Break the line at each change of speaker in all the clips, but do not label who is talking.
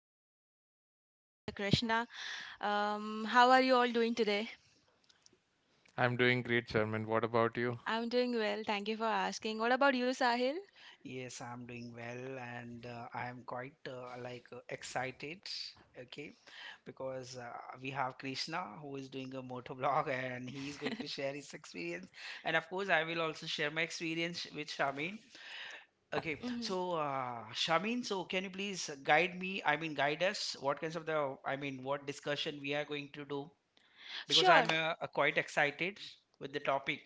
Mr. Sahil, Mr. Krishna. How are you all doing today?
I'm doing great, Sherman. What about you?
I'm doing well. Thank you for asking. What about you, Sahil?
Yes, I'm doing well and I'm quite excited, okay, because we have Krishna who is doing a motor blog and he's going to share his experience. And of course, I will also share my experience with Shamin. Okay,
Mhm.
so Shamin, so can you please guide me? I mean, guide us. What kinds of the, I mean, what discussion we are going to do? Because
Sure.
I'm quite excited with the topic.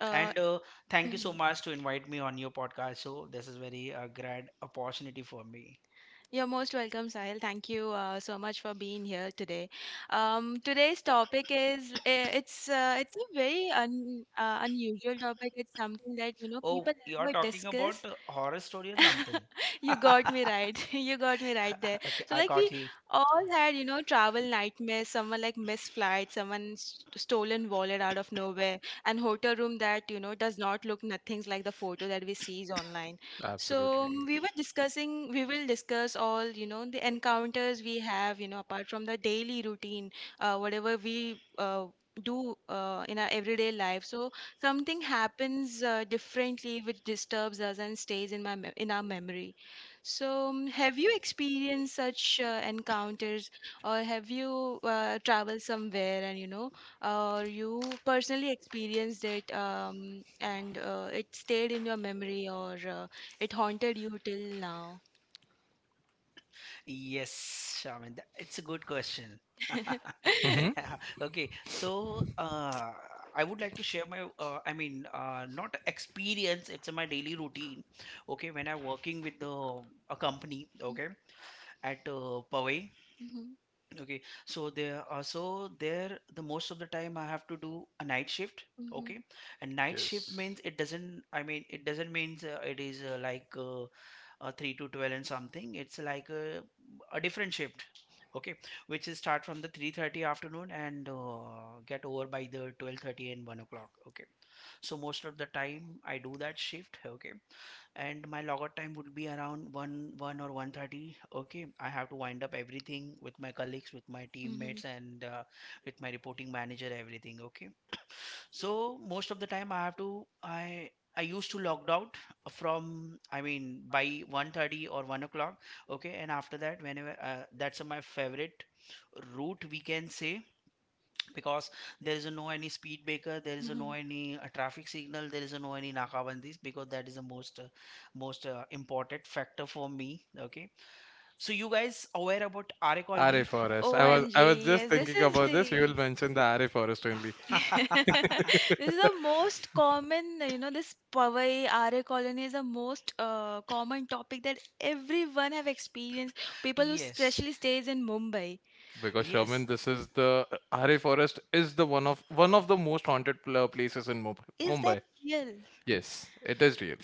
Uh,
And thank you
mhm.
so much to invite me on your podcast. So this is very great opportunity for me.
You're most welcome, Sahil. Thank you so much for being here today. Today's topic is it's a very unusual topic. It's something that you know
Oh,
people
you are
never
talking about
discuss.
horror story or something?
You got me right. You got me right there.
Okay,
So
I
like we
got you.
all had you know travel nightmares. Someone like missed flight. Someone stolen wallet out of nowhere. And hotel room that you know does not look nothing like the photo that we sees online. So
Absolutely.
we will discuss all, you know, the encounters we have, you know, apart from the daily routine, whatever we do in our everyday life. So something happens differently, which disturbs us and stays in in our memory. So have you experienced such encounters, or have you traveled somewhere and you know, or you personally experienced it and it stayed in your memory? Or it haunted you till now.
Yes, Shaman, it's a good question.
Mm-hmm.
Okay, so I would like to share my, not experience, it's my daily routine. Okay, when I'm working with a company, okay, at Powai.
Mhm,
Okay, so there, so there, the most of the time I have to do a night shift.
mhm, mhm,
Okay, and night shift
Yes.
means it doesn't means it is three to twelve and something. It's like a different shift. Okay, which is start from the 3:30 afternoon and get over by the twelve thirty and one o'clock. Okay, so most of the time I do that shift. Okay, and my logout time would be around 1 1 or 1:30. Okay, I have to wind up everything with my colleagues, with my teammates and with my reporting manager, everything. Okay. So most of the time I used to logged out from I mean by 1:30 or 1 o'clock. Okay, and after that, whenever that's my favorite route, we can say, because there is no any speed breaker, there is
mhm.
no any traffic signal, there is no any nakabandis, because that is the most important factor for me. Okay, so you guys aware about RA colony?
RA Forest. I was
OMG,
just
yes, this
thinking
is
about this. You
the—
will mention the RA Forest only
this is the most common, you know, this Powai RA colony is the most common topic that everyone have experienced. People who
Yes,
especially stays in Mumbai.
because,
yes.
Sherman, this is the RA Forest is the one of the most haunted places in Mumbai.
Is that
Mumbai.
real?
Yes, it is real.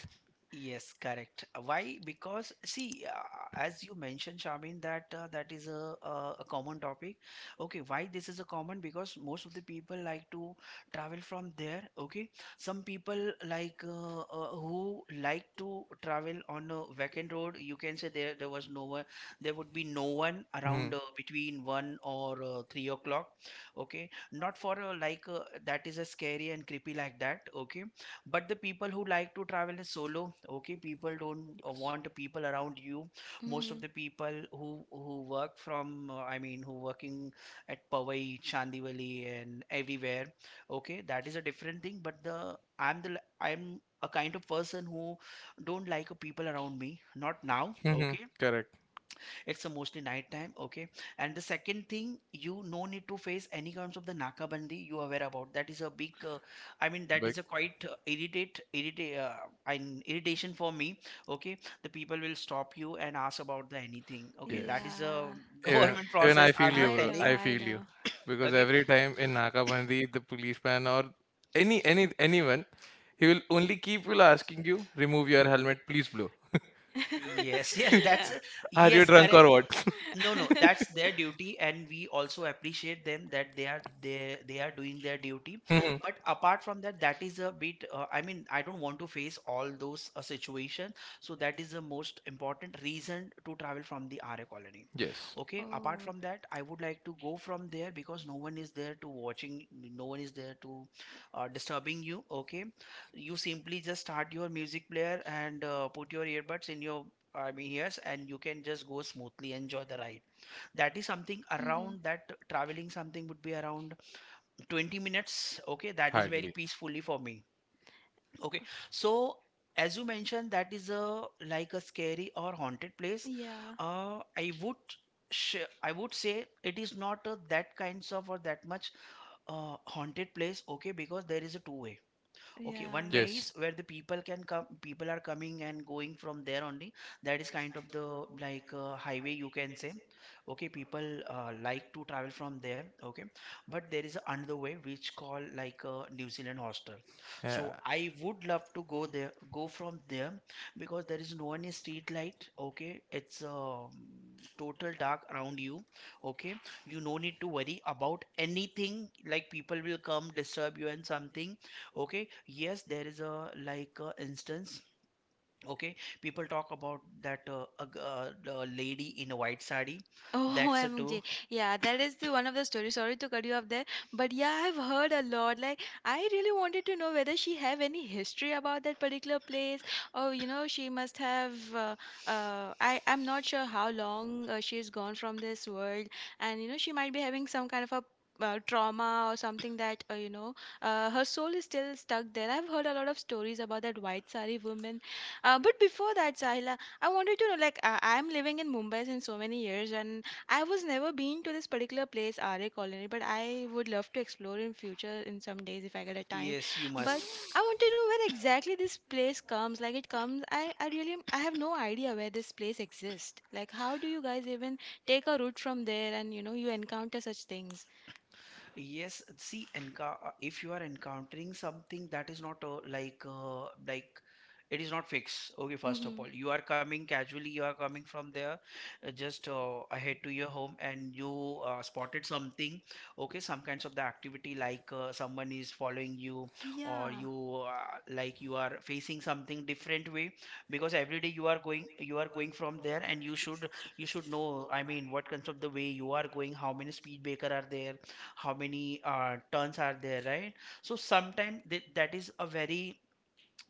Yes, correct. Why? Because see, as you mentioned, Shamin, that that is a common topic. Okay, why this is a common? Because most of the people like to travel from there. Okay, some people like who like to travel on a vacant road. You can say there was no one. There would be no one
Mm-hmm.
around between one or 3 o'clock. Okay, not for like that is a scary and creepy like that. Okay, but the people who like to travel is solo. Okay, people don't want people around you. Most of
Hmm.
the people who work from I mean who working at Powai, Chandivali and everywhere. Okay, that is a different thing. But the I'm the l- I'm a kind of person who don't like people around me, not now.
Mm-hmm.
Okay,
Correct.
it's a mostly night time. Okay, and the second thing, you no need to face any kinds of the nakabandi. You are aware about that is a big I mean that
Big.
is a quite irritate irritate an irritation for me. Okay, the people will stop you and ask about the anything. Okay,
Yes.
that is a
Yeah.
Even
government
even I
process,
feel
I'm
you,
not
I
bro.
know,
telling.
I
I
feel you.
know.
Because
Okay.
every time in Nakabandi, the policeman or anyone, he will only keep will asking you, remove your helmet, please blow.
Yes, yes,
Are you
yes,
drunk
correct.
or what?
No, no, that's their duty, and we also appreciate them that they are doing their duty.
Mhm.
But apart from that, that is a bit. I mean, I don't want to face all those situation. So that is the most important reason to travel from the RA colony.
Yes.
Okay. Apart from that, I would like to go from there because no one is there to watching. No one is there to disturbing you. Okay, you simply just start your music player and put your earbuds in your, I mean ears, and you can just go smoothly, enjoy the ride. That is
Oh,
something
mm-hmm.
around that traveling, something would be around 20 minutes. Okay, that is very
Hardly.
peacefully for me. Okay, so as you mentioned that is a like a scary or haunted place,
Yeah,
uh i would I would say it is not that kinds of or that much haunted place. Okay, because there is a two way. Okay,
yeah.
one way
Yes.
is where the people can come, people are coming and going from there only. That is kind of the like highway, you can say. Okay, people like to travel from there. Okay, but there is another way which call like New Zealand hostel. So
Yeah.
I would love to go from there because there is no any street light. Okay, it's total dark around you. Okay, you no need to worry about anything, like people will come disturb you and something. Okay, yes, there is a like a instance. Okay, people talk about that the lady in a white sari.
Oh,
That's a two.
OMG. Yeah, that is the one of the stories. Sorry to cut you off there, but yeah, I've heard a lot. Like, I really wanted to know whether she have any history about that particular place, or you know, she must have. I I'm not sure how long she is gone from this world, and you know, she might be having some kind of a trauma or something that you know her soul is still stuck there. I've heard a lot of stories about that white sari woman. But before that, Sahila, I wanted to know, like, I'm living in Mumbai since so many years, and I was never been to this particular place, RA Colony, but I would love to explore in future in some days if I get a time.
Yes, you
But
must.
I want to know where exactly this place comes. Like it comes, I really I have no idea where this place exists. Like, how do you guys even take a route from there and you know you encounter such things?
Yes, see, if you are encountering something that is not like it is not fixed. Okay, first of
Mhm.
all, you are coming casually. You are coming from there, just ahead to your home, and you spotted something. Okay, some kinds of the activity like someone is following you, or
Yeah.
you like you are facing something different way. Because every day you are going from there, and you should know. I mean, what kinds of the way you are going, how many speed breaker are there, how many turns are there, right? So sometimes that is a very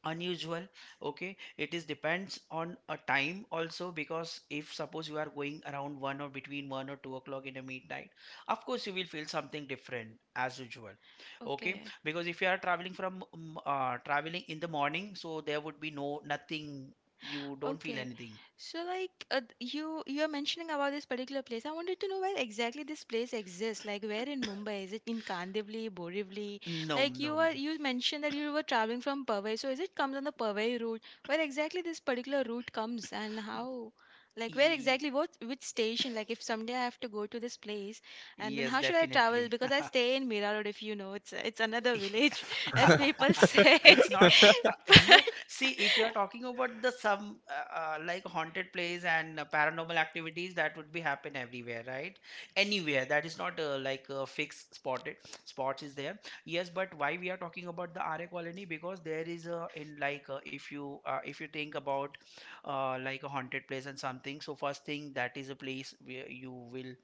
unusual. Okay, it is depends on a time also, because if suppose you are going around one or between 1 or 2 o'clock in the midnight, of course you will feel something different as usual. Okay,
Okay.
because if you are traveling from traveling in the morning, so there would be no nothing, you don't feel
Okay.
anything.
So like you you're mentioning about this particular place. I wanted to know where exactly this place exists. Like, where in Mumbai? Is it in Kandivali, Borivali?
No,
Like,
no.
you mentioned that you were traveling from Powai. So is it comes on the Powai route? Where exactly this particular route comes and how? Like, where
E-
exactly, what, which station? Like if someday I have to go to this place and then
Yes,
how should I travel?
definitely.
Because I stay in Mira Road, if you know. It's another village as people say.
It's not uh, no, see, if you are talking about the some
But—
like haunted place and paranormal activities, that would be happen everywhere, right? Anywhere, that is not like a fixed spotted spots is there. Yes, but why we are talking about the RA colony? Because there is a in like if you think about like a haunted place and something. So first thing, that is a place where you will,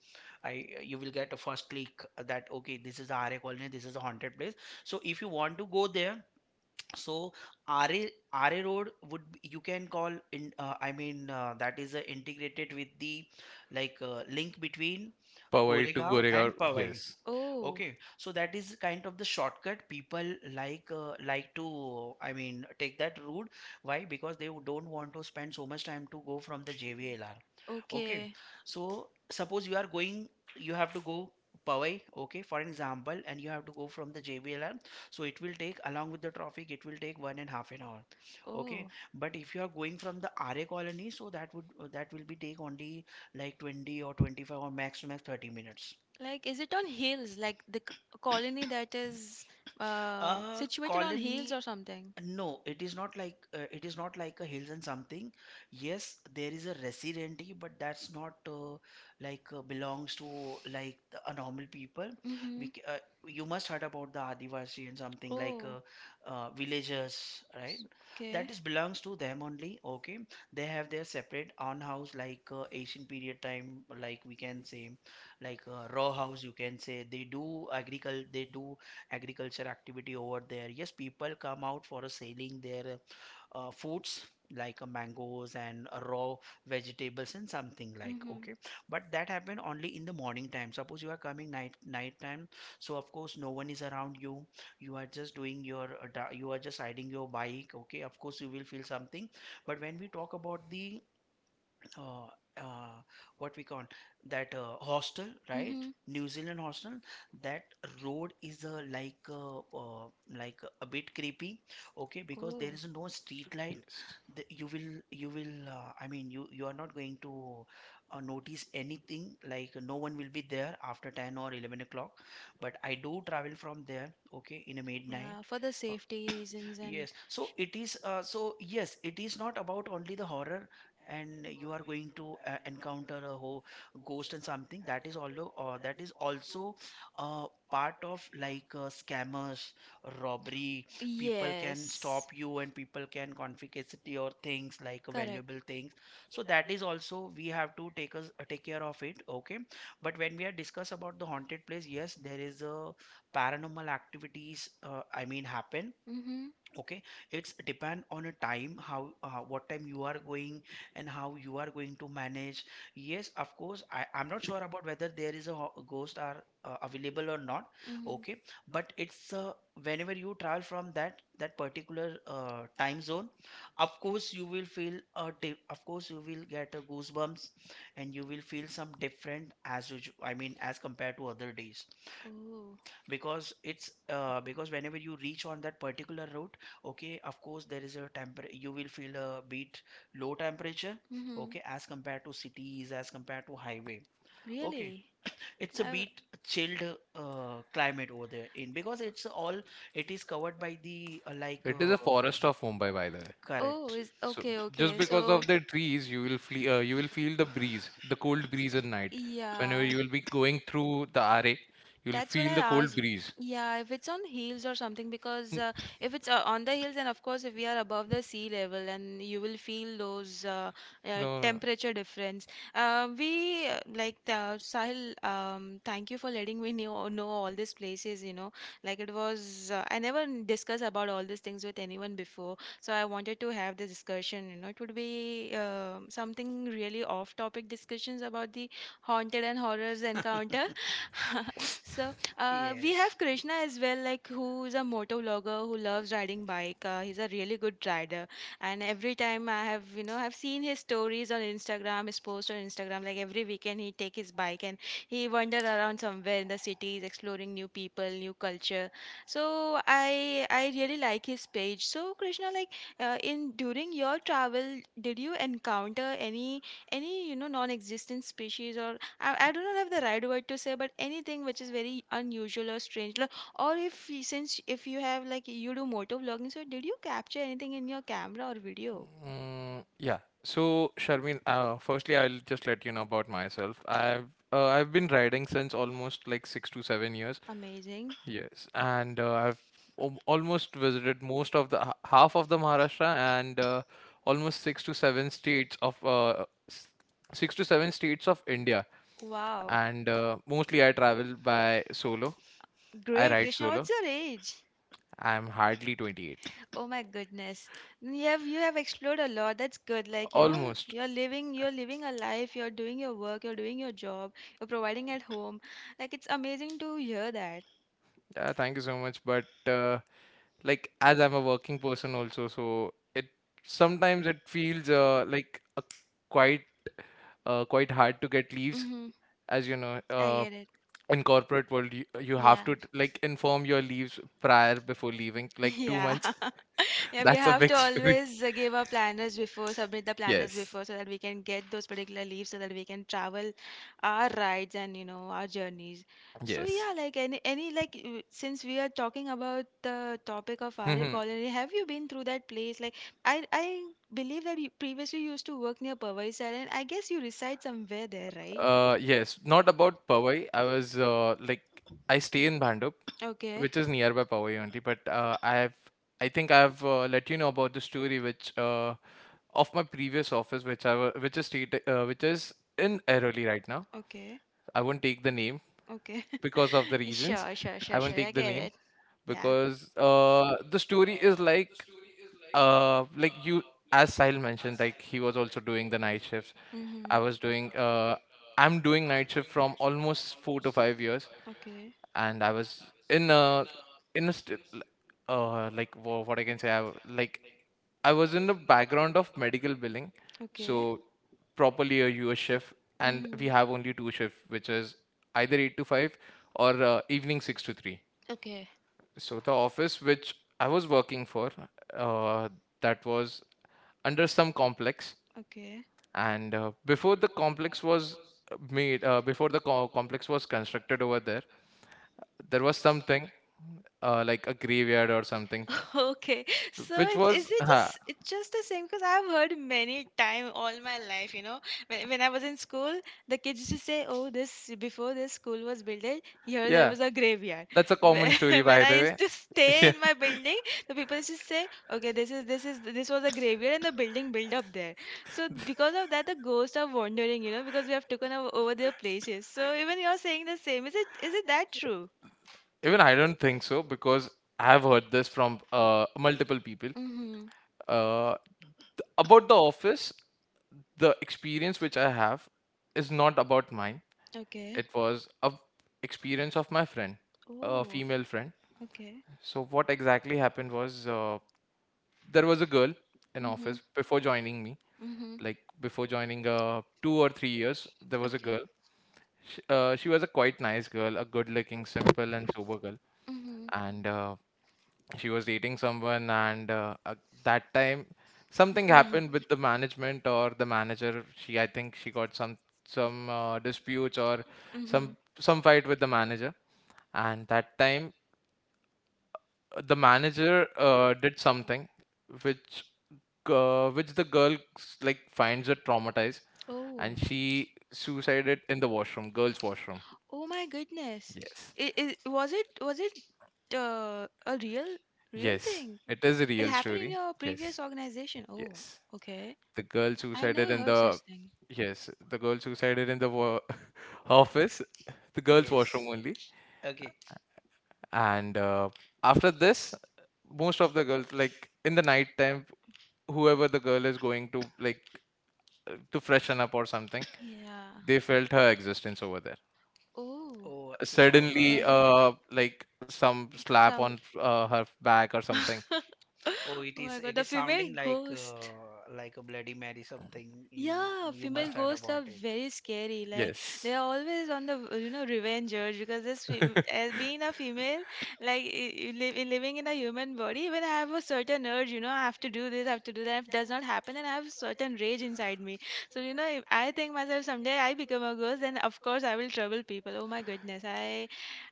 I you will get a first click that okay, this is the RA colony, this is a haunted place. So if you want to go there, so RA RA Road you can call in that is integrated with the like link between
Powai to
Goregaon
Goregaon.
and Powai.
Yes.
oh,
Okay, so
okay.
that is kind of the shortcut, people like to I mean take that route. Why? Because they don't want to spend so much time to go from the JVLR. Okay,
Okay.
so suppose you are going, you have to go Powai. Okay, for an example, and you have to go from the JVLR. So it will take, along with the traffic, it will take one and half an hour. Okay, but if you are going from the RA colony, so that will be take only like 20 or 25 or max to max 30 minutes.
Like, is it on hills? Like the colony that is uh Uh,
Colony.
something?
No, it is not like it is not like a hills and something. Yes, there is a residency, but that's not like belongs to like a normal people.
Mm-hmm.
We c- uh, you must heard about the Adivasi and something like villagers, right?
Okay.
That is belongs to them only. Okay, they have their separate own house like ancient period time, like we can say, like raw house. You can say they do agriculture. They do agriculture activity over there. Yes, people come out for selling their foods like mangoes and raw vegetables and something like okay. But that happen only in the morning time. Suppose you are coming night night time, so of course no one is around you, you are just doing your you are just riding your bike. Okay, of course you will feel something. But when we talk about the uh, uh, what we call that hostel, right? New Zealand hostel. That road is like a bit creepy, okay? Because
Oh,
there is no street light.
Yes.
You will I mean you are not going to notice anything. Like no one will be there after 10 or 11 o'clock. But I do travel from there, okay, in a midnight.
yeah, for the safety
Uh,
reasons and—
Yes. So it is, yes, it is not about only the horror, and you are going to encounter a whole ghost and something. That is also, part of like scammers, robbery. People can stop
yes,
you and people can confiscate your things, like
correct.
valuable things. So that is also we have to take care of it. Okay. But when we are discuss about the haunted place, yes, there is a paranormal activities. I mean happen,
Mm-hmm.
okay, it's depend on a time. How what time you are going and how you are going to manage. Yes, of course, I'm not sure about whether there is a ghost are available or not.
Mm-hmm.
Okay, but it's whenever you travel from that particular time zone, of course you will feel of course you will get a goosebumps, and you will feel some different as usual, I mean as compared to other days.
Oh.
Because it's because whenever you reach on that particular route, okay, of course there is a temper you will feel a bit low temperature.
Mm-hmm.
Okay, as compared to cities, as compared to highway. Okay,
Really?
it's a
I,
bit chilled climate over there in, because it's all, it is covered by the
It is a forest of Mumbai, by the way.
oh,
correct.
is—
So
okay,
just
okay.
because
So
of the trees, you will feel the breeze, the cold breeze at night. Whenever
yeah,
you will be going through the RA, you will
that's what I
feel the cold
asked.
breeze.
Yeah, if it's on hills or something, because if it's on the hills, and of course, if we are above the sea level, and you will feel those
No,
temperature difference. We like the Sahil. Thank you for letting me know all these places. You know, like it was— I never discussed about all these things with anyone before, so I wanted to have this discussion. You know, it would be something really off-topic discussions about the haunted and horrors encounter. So we
Yes,
have Krishna as well, like who is a motor vlogger who loves riding bike. He's a really good rider, and every time I have you know I've seen his stories on Instagram, his posts on Instagram. Like every weekend he take his bike and he wander around somewhere in the cities, exploring new people, new culture. So I really like his page. So Krishna, like in during your travel, did you encounter any you know non-existent species, or I don't have the right word to say, but anything which is very unusual or strange, like, or if you— since if you have like you do motor vlogging, so did you capture anything in your camera or video?
mm, yeah. So, Sharmin, firstly, I'll just let you know about myself. I've been riding since almost like 6 to 7 years.
Amazing!
Yes, and I've almost visited most of the half of the Maharashtra and almost six to seven states of six to seven states of India.
Wow,
And mostly I travel by solo. I
great,
ride
Krishna.
solo.
What's your age?
I'm hardly 28.
Oh my goodness. Then you have— you have explored a lot. That's good. Like, you know,
Almost.
you're living— you're living a life, you're doing your work, you're doing your job, you're providing at home. Like, it's amazing to hear that.
Yeah, thank you so much. But like, as I'm a working person also, so it sometimes it feels like a quite quite hard to get leaves,
Mm-hmm.
as you know.
I
Uh,
get it.
in corporate world, you have
Yeah.
to like inform your leaves prior before leaving, like two
Yeah.
months.
Yeah, we
That's a
have to
big story.
always give our planners before, submit the planners
Yes.
before so that we can get those particular leaves so that we can travel our rides and you know our journeys. So
Yes.
yeah, like any like since we are talking about the topic of RA
Mhm.
colony, have you been through that place? Like I believe that you previously used to work near Pavaisar and I guess you reside somewhere there, right?
Yes. Not about Powai. I was like I stay in Bhandup,
Okay.
which is nearby Powai only. But I think I've let you know about the story which of my previous office, which I wa- which is state, which is in Airoli right now.
Okay.
I won't take the name
Okay.
because of the reasons.
Sure, sure,
I
sure,
won't
sure. I
take the
get
name
it. Yeah.
because the story is like, you, as Sahil mentioned, like he was also doing the night shifts.
Mm-hmm.
I was doing uh, I'm doing night shift from almost 4 to 5 years,
Okay.
and I was in a st- l- like wha- what I can say I w- like I was in the background of medical billing.
Okay.
So properly a US shift, and we
Mm-hmm.
have only two shift, which is either 8 to 5 or evening 6 to 3.
Okay.
So the office which I was working for, uh, that was under some complex,
Okay.
and complex was constructed over there, there was something like a graveyard or something,
Okay, so
which
it's—
was,
is it just— it's just the same because I've heard many time all my life. You know, when I was in school, the kids used to say, "Oh, this— before this school was built, eh, here there
yeah.
was a graveyard."
That's a common story,
When
by
I
the way.
used to stay
Yeah,
in my building, the people used to say, "Okay, this is— this is— this was a graveyard and the building built up there." So because of that, the ghosts are wandering. You know, because we have taken over their places. So even you're saying the same. Is it— is it that true?
even I don't think so because I've heard this from multiple people.
Mm-hmm.
Uh, about the office, the experience which I have is not about mine.
Okay.
It was a experience of my friend, a
Oh.
female friend.
Okay.
So what exactly happened was, there was a girl in
Mm-hmm.
office before joining me,
Mm-hmm.
like before joining, 2 or 3 years, there was a
Okay.
girl. She was a quite nice girl, a good looking, simple and sober girl.
Mm-hmm.
And she was dating someone, and at that time something
Mm-hmm.
happened with the management or the manager. She, I think she got some disputes or
Mm-hmm.
some fight with the manager. And that time the manager did something which which the girl like finds it traumatized,
Oh.
and she suicided in the washroom, girls' washroom.
Oh my goodness.
Yes.
It was— it was it a real
Yes.
thing?
It is a
It
real
happened in
story.
your
Yes.
previous organization. Oh,
Yes.
okay.
The girl
I've
suicided
never
in
heard such
the.
thing.
Yes, the girl suicided in the office, the girls'
yes.
washroom only.
Okay.
And after this, most of the girls, like in the night time, whoever the girl is going to, like, to freshen up or something,
Yeah.
they felt her existence over there.
Oh.
Oh, Sushant,
Suddenly,
Really?
like, some slap
Some.
on her back or something.
Oh
oh, it is,
my god,
it
the
is
female
sounding
ghost.
like a Bloody Mary something. You
Yeah,
you
female
must write
ghosts are
about it.
very scary. Like,
Yes.
they are always on the you know revenge urge because this as being a female, like living in a human body, when I have a certain urge, you know, I have to do this, I have to do that. If it does not happen, then I have certain rage inside me. So you know, if I think myself someday I become a ghost, then of course I will trouble people. Oh my goodness,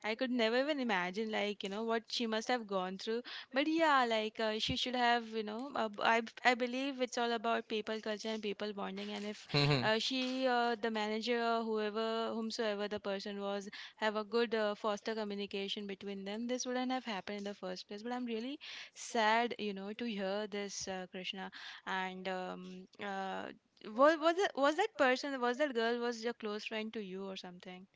I could never even imagine like you know what she must have gone through. But yeah, like she should have, you know, I believe it's all about people culture and people bonding. And if
Mhm.
she, the manager, or whoever, whomsoever the person was, have a good foster communication between them, this wouldn't have happened in the first place. But I'm really sad, you know, to hear this, Krishna. And was it, was that person, was that girl, was your close friend to you or something?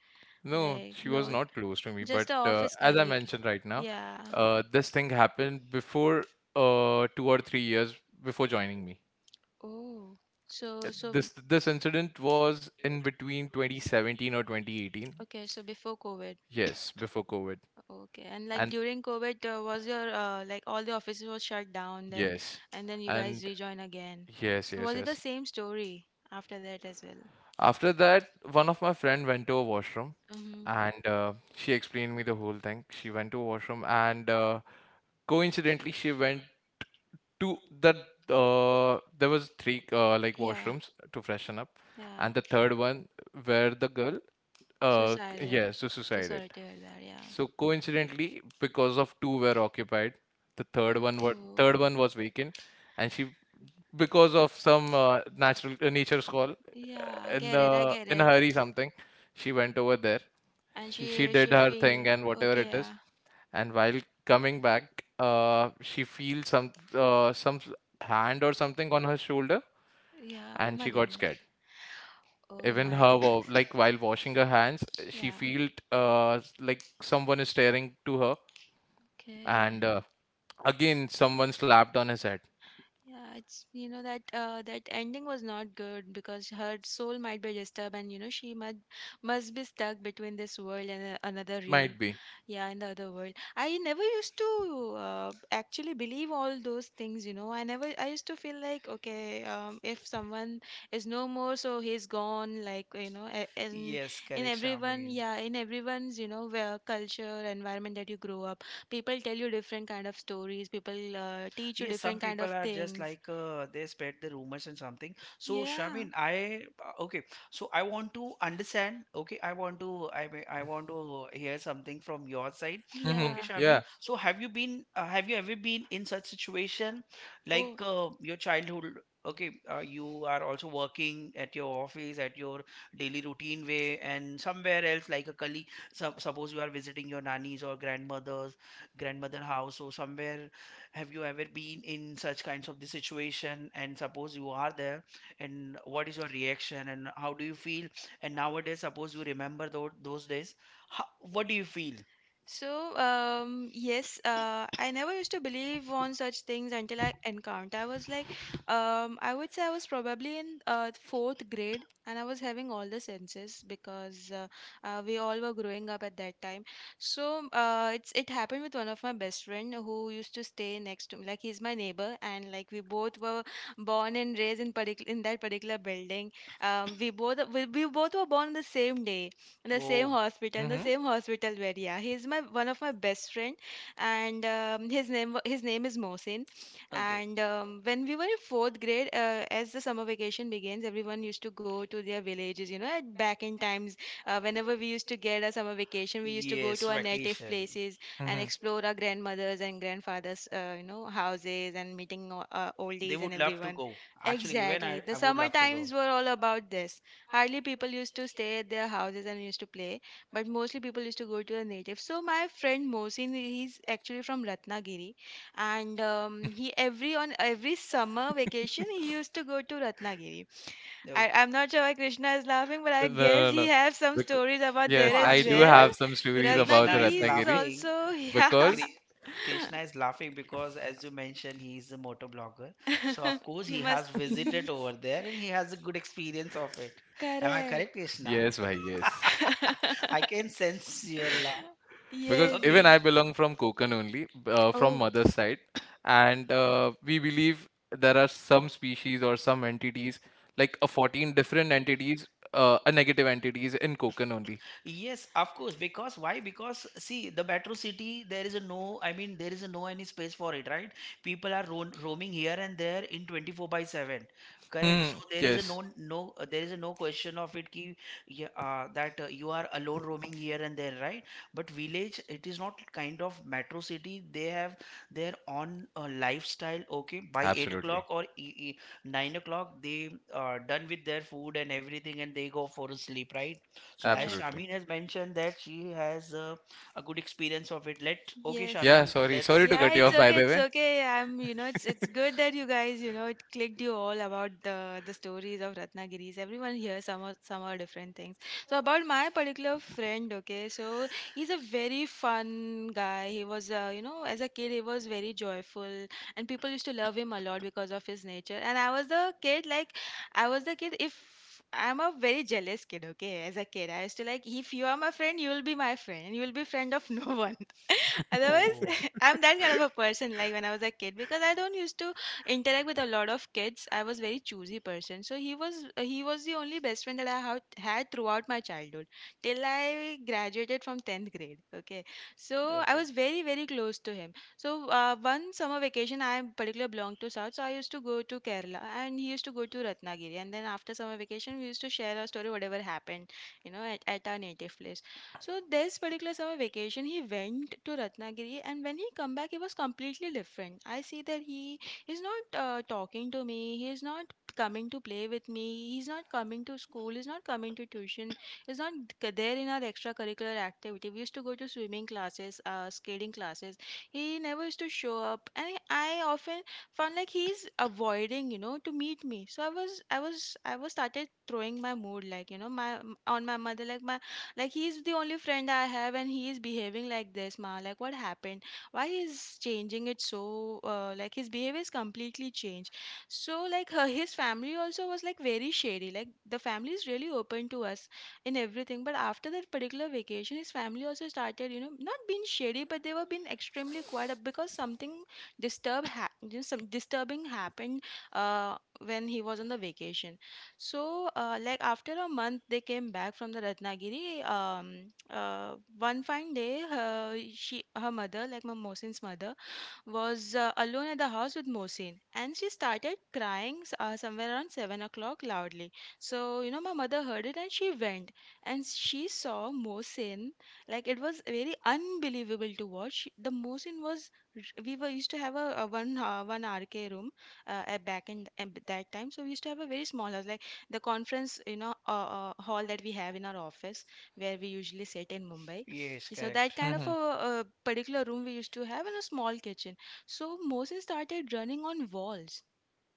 No,
Like,
she was
no,
not close to me, but
just a office
as I
colleague.
mentioned right now,
Yeah.
this thing happened before, 2 or 3 years before joining me.
Oh,
Uh,
so so
this incident was in between 2017 or 2018.
okay, so before COVID.
Yes, before COVID.
Okay, and like
And
during COVID, was your like all the offices were shut down then,
yes,
and then you guys
and
rejoin again.
yes,
So
yes,
was it the
yes.
same story after that as well?
After that, one of my friend went to a washroom,
Mm-hmm.
and she explained me the whole thing. She went to a washroom and, coincidentally she went to the there was three like
Yeah,
washrooms to freshen up,
yeah.
and the third one where the girl,
Suicided.
yes, to
So
suicide.
sorry to hear that. Yeah.
So coincidentally, because of two were occupied, the third one were,
Oh.
third one was vacant. And she, because of some natural nature's call,
Yeah, I
in
get it. I
the
get
in a
it.
hurry something, she went over there.
And
She did
she
her thing
feel—
and whatever
okay.
it is,
Yeah.
and while coming back, she feels some hand or something on her shoulder,
Yeah. Oh
and
my
she got
goodness.
scared.
Oh
Even
my
her wa-
goodness.
like while washing her hands, she
Yeah.
felt like someone is staring to her,
Okay.
and again someone slapped on his head.
Yeah, it's you know that that ending was not good because her soul might be disturbed, and you know she must— must be stuck between this world and another real,
Might be.
yeah, in the other world. I never used to actually believe all those things. You know, I never— I used to feel like okay, if someone is no more, so he's gone. Like you know,
Yes, and
in
correct,
everyone,
Charmaine.
yeah, in everyone's you know where culture environment that you grow up, people tell you different kind of stories, people teach you
Yes, some
different kind
people
of
kind are just
things.
like they spread the rumors and something. So,
Yeah,
Shamin, I okay. So I want to understand. Okay, I want to, I want to hear something from your side.
Hmm.
Okay,
yeah.
Shamin.
Yeah.
So have you been have you ever been in such situation, like your
Oh.
childhood? Okay, you are also working at your office, at your daily routine way, and somewhere else, like a colleague. So, suppose you are visiting your nannies or grandmother house, or somewhere. Have you ever been in such kinds of the situation? And suppose you are there, and what is your reaction, and how do you feel? And nowadays, suppose you remember those days, how, what do you feel?
So, yes, I never used to believe on such things until I encountered. I was like, I would say I was probably in fourth grade and I was having all the senses because we all were growing up at that time. So, it happened with one of my best friend who used to stay next to me. Like he's my neighbor, and like we both were born and raised in particular in that particular building. We both were born on the same day,
Oh.
the
Hmm.
same hospital where, yeah, he's my one of my best friend, and his name is Mohsin.
Okay.
And when we were in fourth grade, as the summer vacation begins, everyone used to go to their villages. You know, at back in times, whenever we used to get a summer vacation, we used to go
Yes,
to our native
vacation.
places and
Hmm.
explore our grandmothers and grandfathers, houses and meeting
They
oldies and
would love to
everyone.
go. Actually, even
Exactly, the
I would
summer
love to go.
times were all about this. Hardly people used to stay at their houses and used to play, but mostly people used to go to a native. So my friend Mohsin, he's actually from Ratnagiri, and he every on every summer vacation he used to go to Ratnagiri.
No.
I'm not sure why Krishna is laughing, but I
No,
guess
no,
he
no.
has some
Bec-
stories about
No,
there
yes,
as
I do
actually,
well.
have
why
some stories about the
Krishna is
Ratnagiri is
Ratnagiri,
laughing?
also yeah.
because.
Kri- Krishna is laughing because, as you mentioned, he is a motor blogger. So, of course,
he
he
must
has
ye-
visited over there and he has a good experience of it. Am I
correct.
correct, Krishna?
Yes, why, yes.
I can sense your laugh.
Because
Yes, yes.
even
Okay.
I belong from Konkan only, from
Oh,
mother's side. And we believe there are some species or some entities, like a 14 different entities, a negative entities in Konkan only.
Yes, of course. Because why? Because see, the metro city, there is a no, I mean, there is a no any space for it, right? People are ro roaming here and there in 24 by 7. Correct. Mm, so
Hmm.
there is a yes.
Yes.
No, no, there is a no question of it ki, yeah, that you are alone roaming here and there, right? But village, it is not kind of metro city. They have their own lifestyle. Okay, by eight
Absolutely.
o'clock or e e 9 o'clock, they done with their food and everything, and they go for a sleep, right? So as
correct.
Absolutely.
Shamin has mentioned that she has a good experience of it. Let, okay,
Yes.
Yeah.
Shamin,
Sorry.
let's
Sorry to
Yeah,
cut you
it's
continue.
off, by
okay.
the
It's
way.
okay. I'm, you know, it's good that you guys, you know, it clicked you all about the stories of Ratnagiris. Everyone here, some are different things. So about my particular friend, okay, so he's a very fun guy. He was, you know, as a kid, he was very joyful, and people used to love him a lot because of his nature. And I was the kid, like, I was the kid. If I'm a very jealous kid, okay, as a kid, I used to, like, if you are my friend, you will be my friend. You will be friend of no one. Otherwise,
Oh,
I'm that kind of a person. Like when I was a kid, because I don't used to interact with a lot of kids. I was very choosy person. So he was the only best friend that I had had throughout my childhood till I graduated from tenth grade. Okay, so I
okay.
was very close to him. So one summer vacation, I particularly belonged to South, so I used to go to Kerala, and he used to go to Ratnagiri. And then after summer vacation, we used to share our story, whatever happened, you know, at our native place. So this particular summer vacation, he went to Ratnagiri, and when he come back, he was completely different. I see that he is not talking to me. He is not coming to play with me. He's not coming to school. He's not coming to tuition. He's not there in our extracurricular activity. We used to go to swimming classes, skating classes. He never used to show up, and I often found like he's avoiding, you know, to meet me. So I was started throwing my mood, like, you know, my on my mother, like my, like he's the only friend I have, and he is behaving like this, ma. Like what happened? Why is changing it so? Like his behavior is completely changed. So like her, his family also was like very shady. Like the family is really open to us in everything. But after that particular vacation, his family also started, you know, not being shady, but they were being extremely quiet up because something you know, some disturbing happened uh, when he was on the vacation. So, like after a month, they came back from the Ratnagiri. One fine day, her mother, like my Mohsin's mother, was alone at the house with Mohsin, and she started crying somewhere around 7 o'clock loudly. So, you know, my mother heard it and she went and she saw Mohsin. Like, it was very unbelievable to watch. The Mohsin was, we were used to have a one, one RK room at back in at that time. So, we used to have a very small house, like the conference, you know, hall that we have in our office where we usually sit in Mumbai.
Yes,
So, that
correct.
kind of a,
Hmm.
particular room we used to have, and a small kitchen. So Moses started running on walls,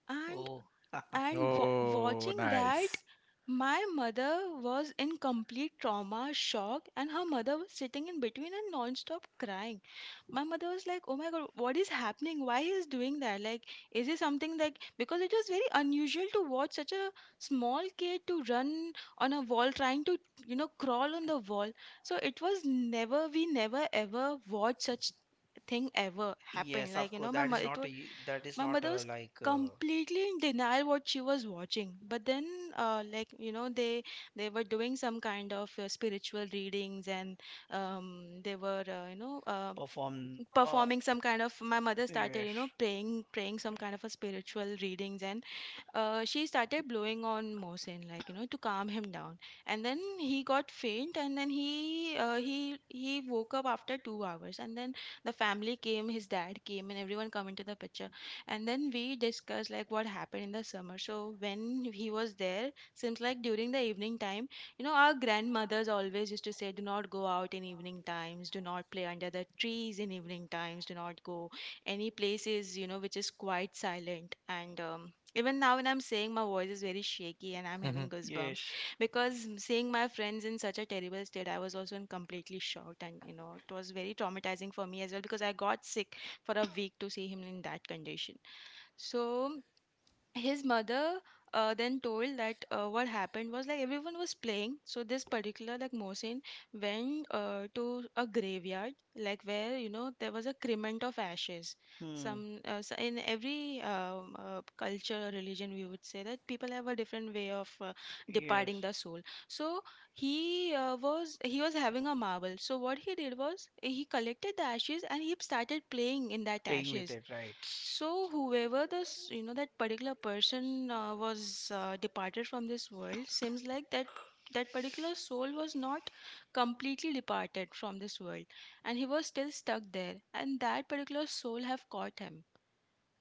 and
Oh.
Oh,
watching that,
nice.
my mother was in complete trauma shock, and her mother was sitting in between and non-stop crying. My mother was like, oh my god, what is happening, why he is doing that, like, is it something like, because it was very unusual to watch such a small kid to run on a wall, trying to, you know, crawl on the wall. So it was never, we never ever watched such thing ever happened.
Yes,
Like,
of
you
course.
know, my
That
mother,
is
it was, my
not
mother
a,
was
like
completely in denial what she was watching. But then like, you know, they were doing some kind of spiritual readings, and they were you know
perform.
performing some kind of my mother started,
Yes.
you know, praying, some kind of a spiritual readings, and she started blowing on Mohsen, like, you know, to calm him down. And then he got faint, and then he woke up after 2 hours. And then the family came, his dad came, and everyone come into the picture. And then we discussed like what happened in the summer. So when he was there, seems like during the evening time, you know, our grandmothers always used to say, "Do not go out in evening times. Do not play under the trees in evening times. Do not go any places, you know, which is quite silent." And even now when I'm saying, my voice is very shaky and I'm having goosebumps,
Yes.
because seeing my friends in such a terrible state, I was also in completely shocked, and, you know, it was very traumatizing for me as well, because I got sick for a week to see him in that condition. So his mother then told that what happened was, like, everyone was playing, so this particular, like, Mohsin went to a graveyard, like, where, you know, there was a crement of ashes.
Hmm.
Some in every culture or religion, we would say that people have a different way of
Yes.
departing the soul. So he was having a marble, so what he did was he collected the ashes, and he started playing in that
Ashes, with
ashes.
it, right? So,
So whoever this, you know, that particular person was departed from this world, seems like that that particular soul was not completely departed from this world, and he was still stuck there. And that particular soul have caught him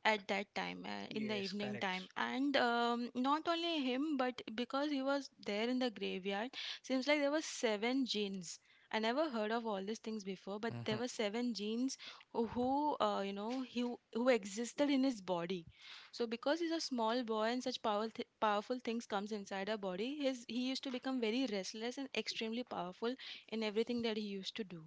at that time, in the
yes, correct.
evening time.
Practice,
And not only him, but because he was there in the graveyard, seems like there were seven genes. I never heard of all these things before, but there
Mhm.
were seven genes who, you know who, existed in his body. So because he's a small boy, and such powerful powerful things comes inside our body, his he used to become very restless and extremely powerful in everything that he used to do.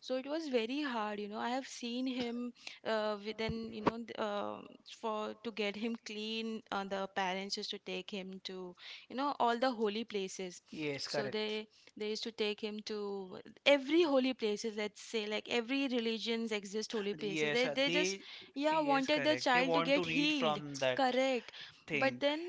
So it was very hard, you know, I have seen him within you know th- for to get him clean. The parents used to take him to, you know, all the holy places. So they used to take him to every holy places, let's say, like every religions exist holy places.
just
They just,
they.
yeah, wanted their child to get healed.
But
Correct. But then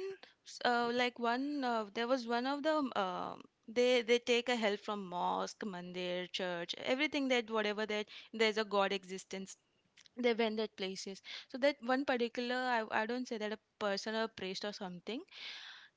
s- like one there was one of the they take a help from mosque, mandir, church, everything that whatever that there's a god existence. They went that places. So that one particular, I don't say that a person or priest or something,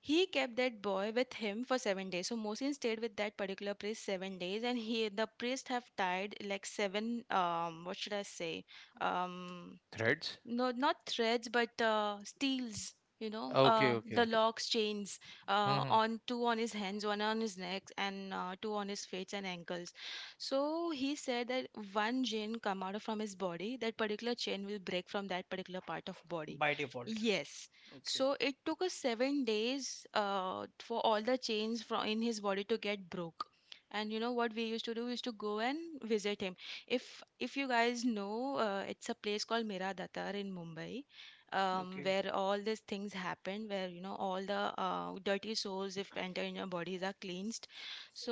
he kept that boy with him for 7 days. So Mosin stayed with that particular priest 7 days, and he the priest have died like seven, what should I say, um
Threads?
no, not threads, but steels, you know,
Okay, okay.
the locks, chains,
Mhm.
on two on his hands, one on his neck, and two on his feet and ankles. So he said that one chain come from his body, that particular chain will break from that particular part of body.
by default.
Yes. So it took us 7 days for all the chains from in his body to get broke. And you know what we used to do, we used to go and visit him. If you guys know, it's a place called Mira Datar in Mumbai, where all these things happen, where, you know, all the dirty souls, if enter in your bodies, are cleansed. So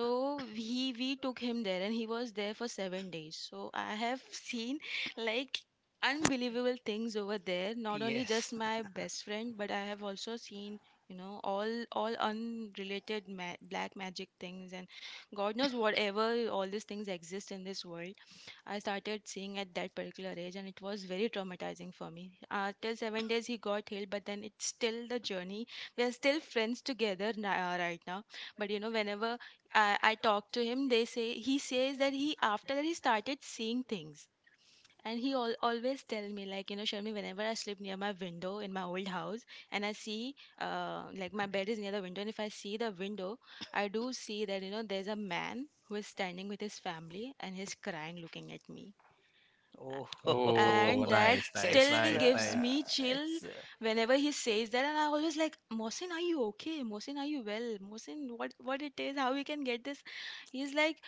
we took him there, and he was there for 7 days. So I have seen, like, unbelievable things over there. Not only just my best friend, but I have also seen, you know, all unrelated black magic things, and god knows whatever all these things exist in this world I started seeing at that particular age, and it was very traumatizing for me. Till 7 days, he got healed, but then it's still the journey. We are still friends together now, right now. But you know, whenever I talk to him, they say, he says that he after that he started seeing things. And he always tell me like, you know, Sharmi, whenever I sleep near my window in my old house, and I see, like my bed is near the window, and if I see the window, I do see that, you know, there's a man who is standing with his family, and he's crying looking at me.
Oh.
Oh,
And that
nice, nice,
still
nice,
gives me
nice.
chill
uh,
whenever he says that. And I always like, Mohsin, are you okay? Mohsin, are you well? Mohsin, what it is, how we can get this? He's like,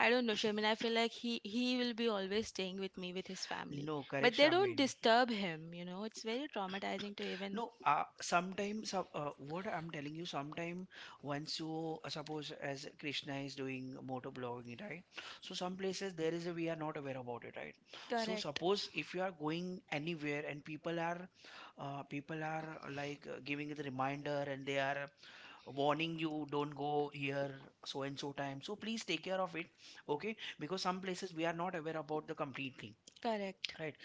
I don't know, Shamin, I feel like he will be always staying with me with his family, but they
that,
don't disturb him. You know, it's very traumatizing to even.
no, sometimes what I'm telling you, sometime once you suppose as Krishna is doing motor blogging, right? So some places there is a, we are not aware about it, right? So
Correct.
suppose if you are going anywhere and people are, like giving you the reminder and they are warning you, don't go here so and so time. So please take care of it, okay? Because some places we are not aware about the complete thing,
Correct.
right?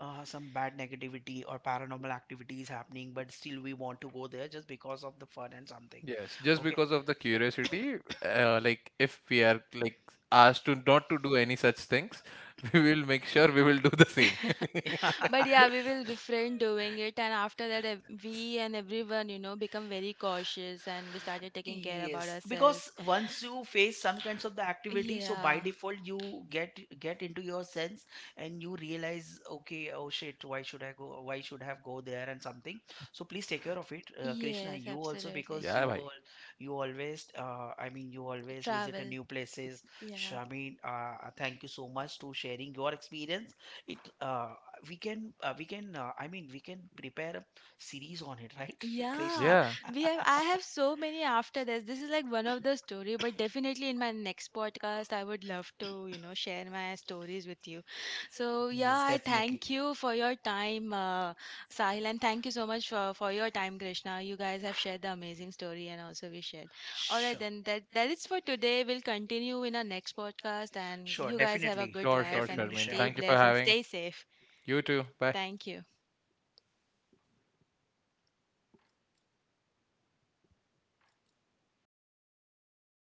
some bad negativity or paranormal activity is happening, but still we want to go there just because of the fun and something.
Yes, just
Okay.
because of the curiosity, like, if we are like asked to not to do any such things, we will make sure we will do the same.
Yeah.
But yeah, we will refrain doing it, and after that, ev- we and everyone, you know, become very cautious, and we started taking care about
Yes, because
ourselves.
once you face some kinds of the activity, so by
Yeah.
default you get into your sense, and you realize, okay, oh shit, why should I go? Why should I have go there and something? So please take care of it, Krishna.
Yes,
You also
absolutely.
because you
Yeah, bhai.
you always, I mean, you always visit a
Travel.
new places.
Yeah.
Shamin, thank you so much to sharing your experience. It we can I mean we can prepare a series on it, right,
Yeah,
Krishna?
Yeah,
we have. I have so many after this. This is like one of the story, but definitely in my next podcast, I would love to, you know, share my stories with you. So yeah,
Yes,
I
definitely.
thank you for your time, Sahil, and thank you so much for your time, Krishna. You guys have shared the amazing story, and also we shared. All right. Sure,
Sure.
then that is for today. We'll continue in our next podcast, and sure,
Sure,
you guys have a
definitely.
good
sure, sure,
life,
Definitely,
and
Sharmeen.
stay
Thank
Xiaomi.
you for
blessed and
having.
stay safe.
You too. Bye.
Thank you.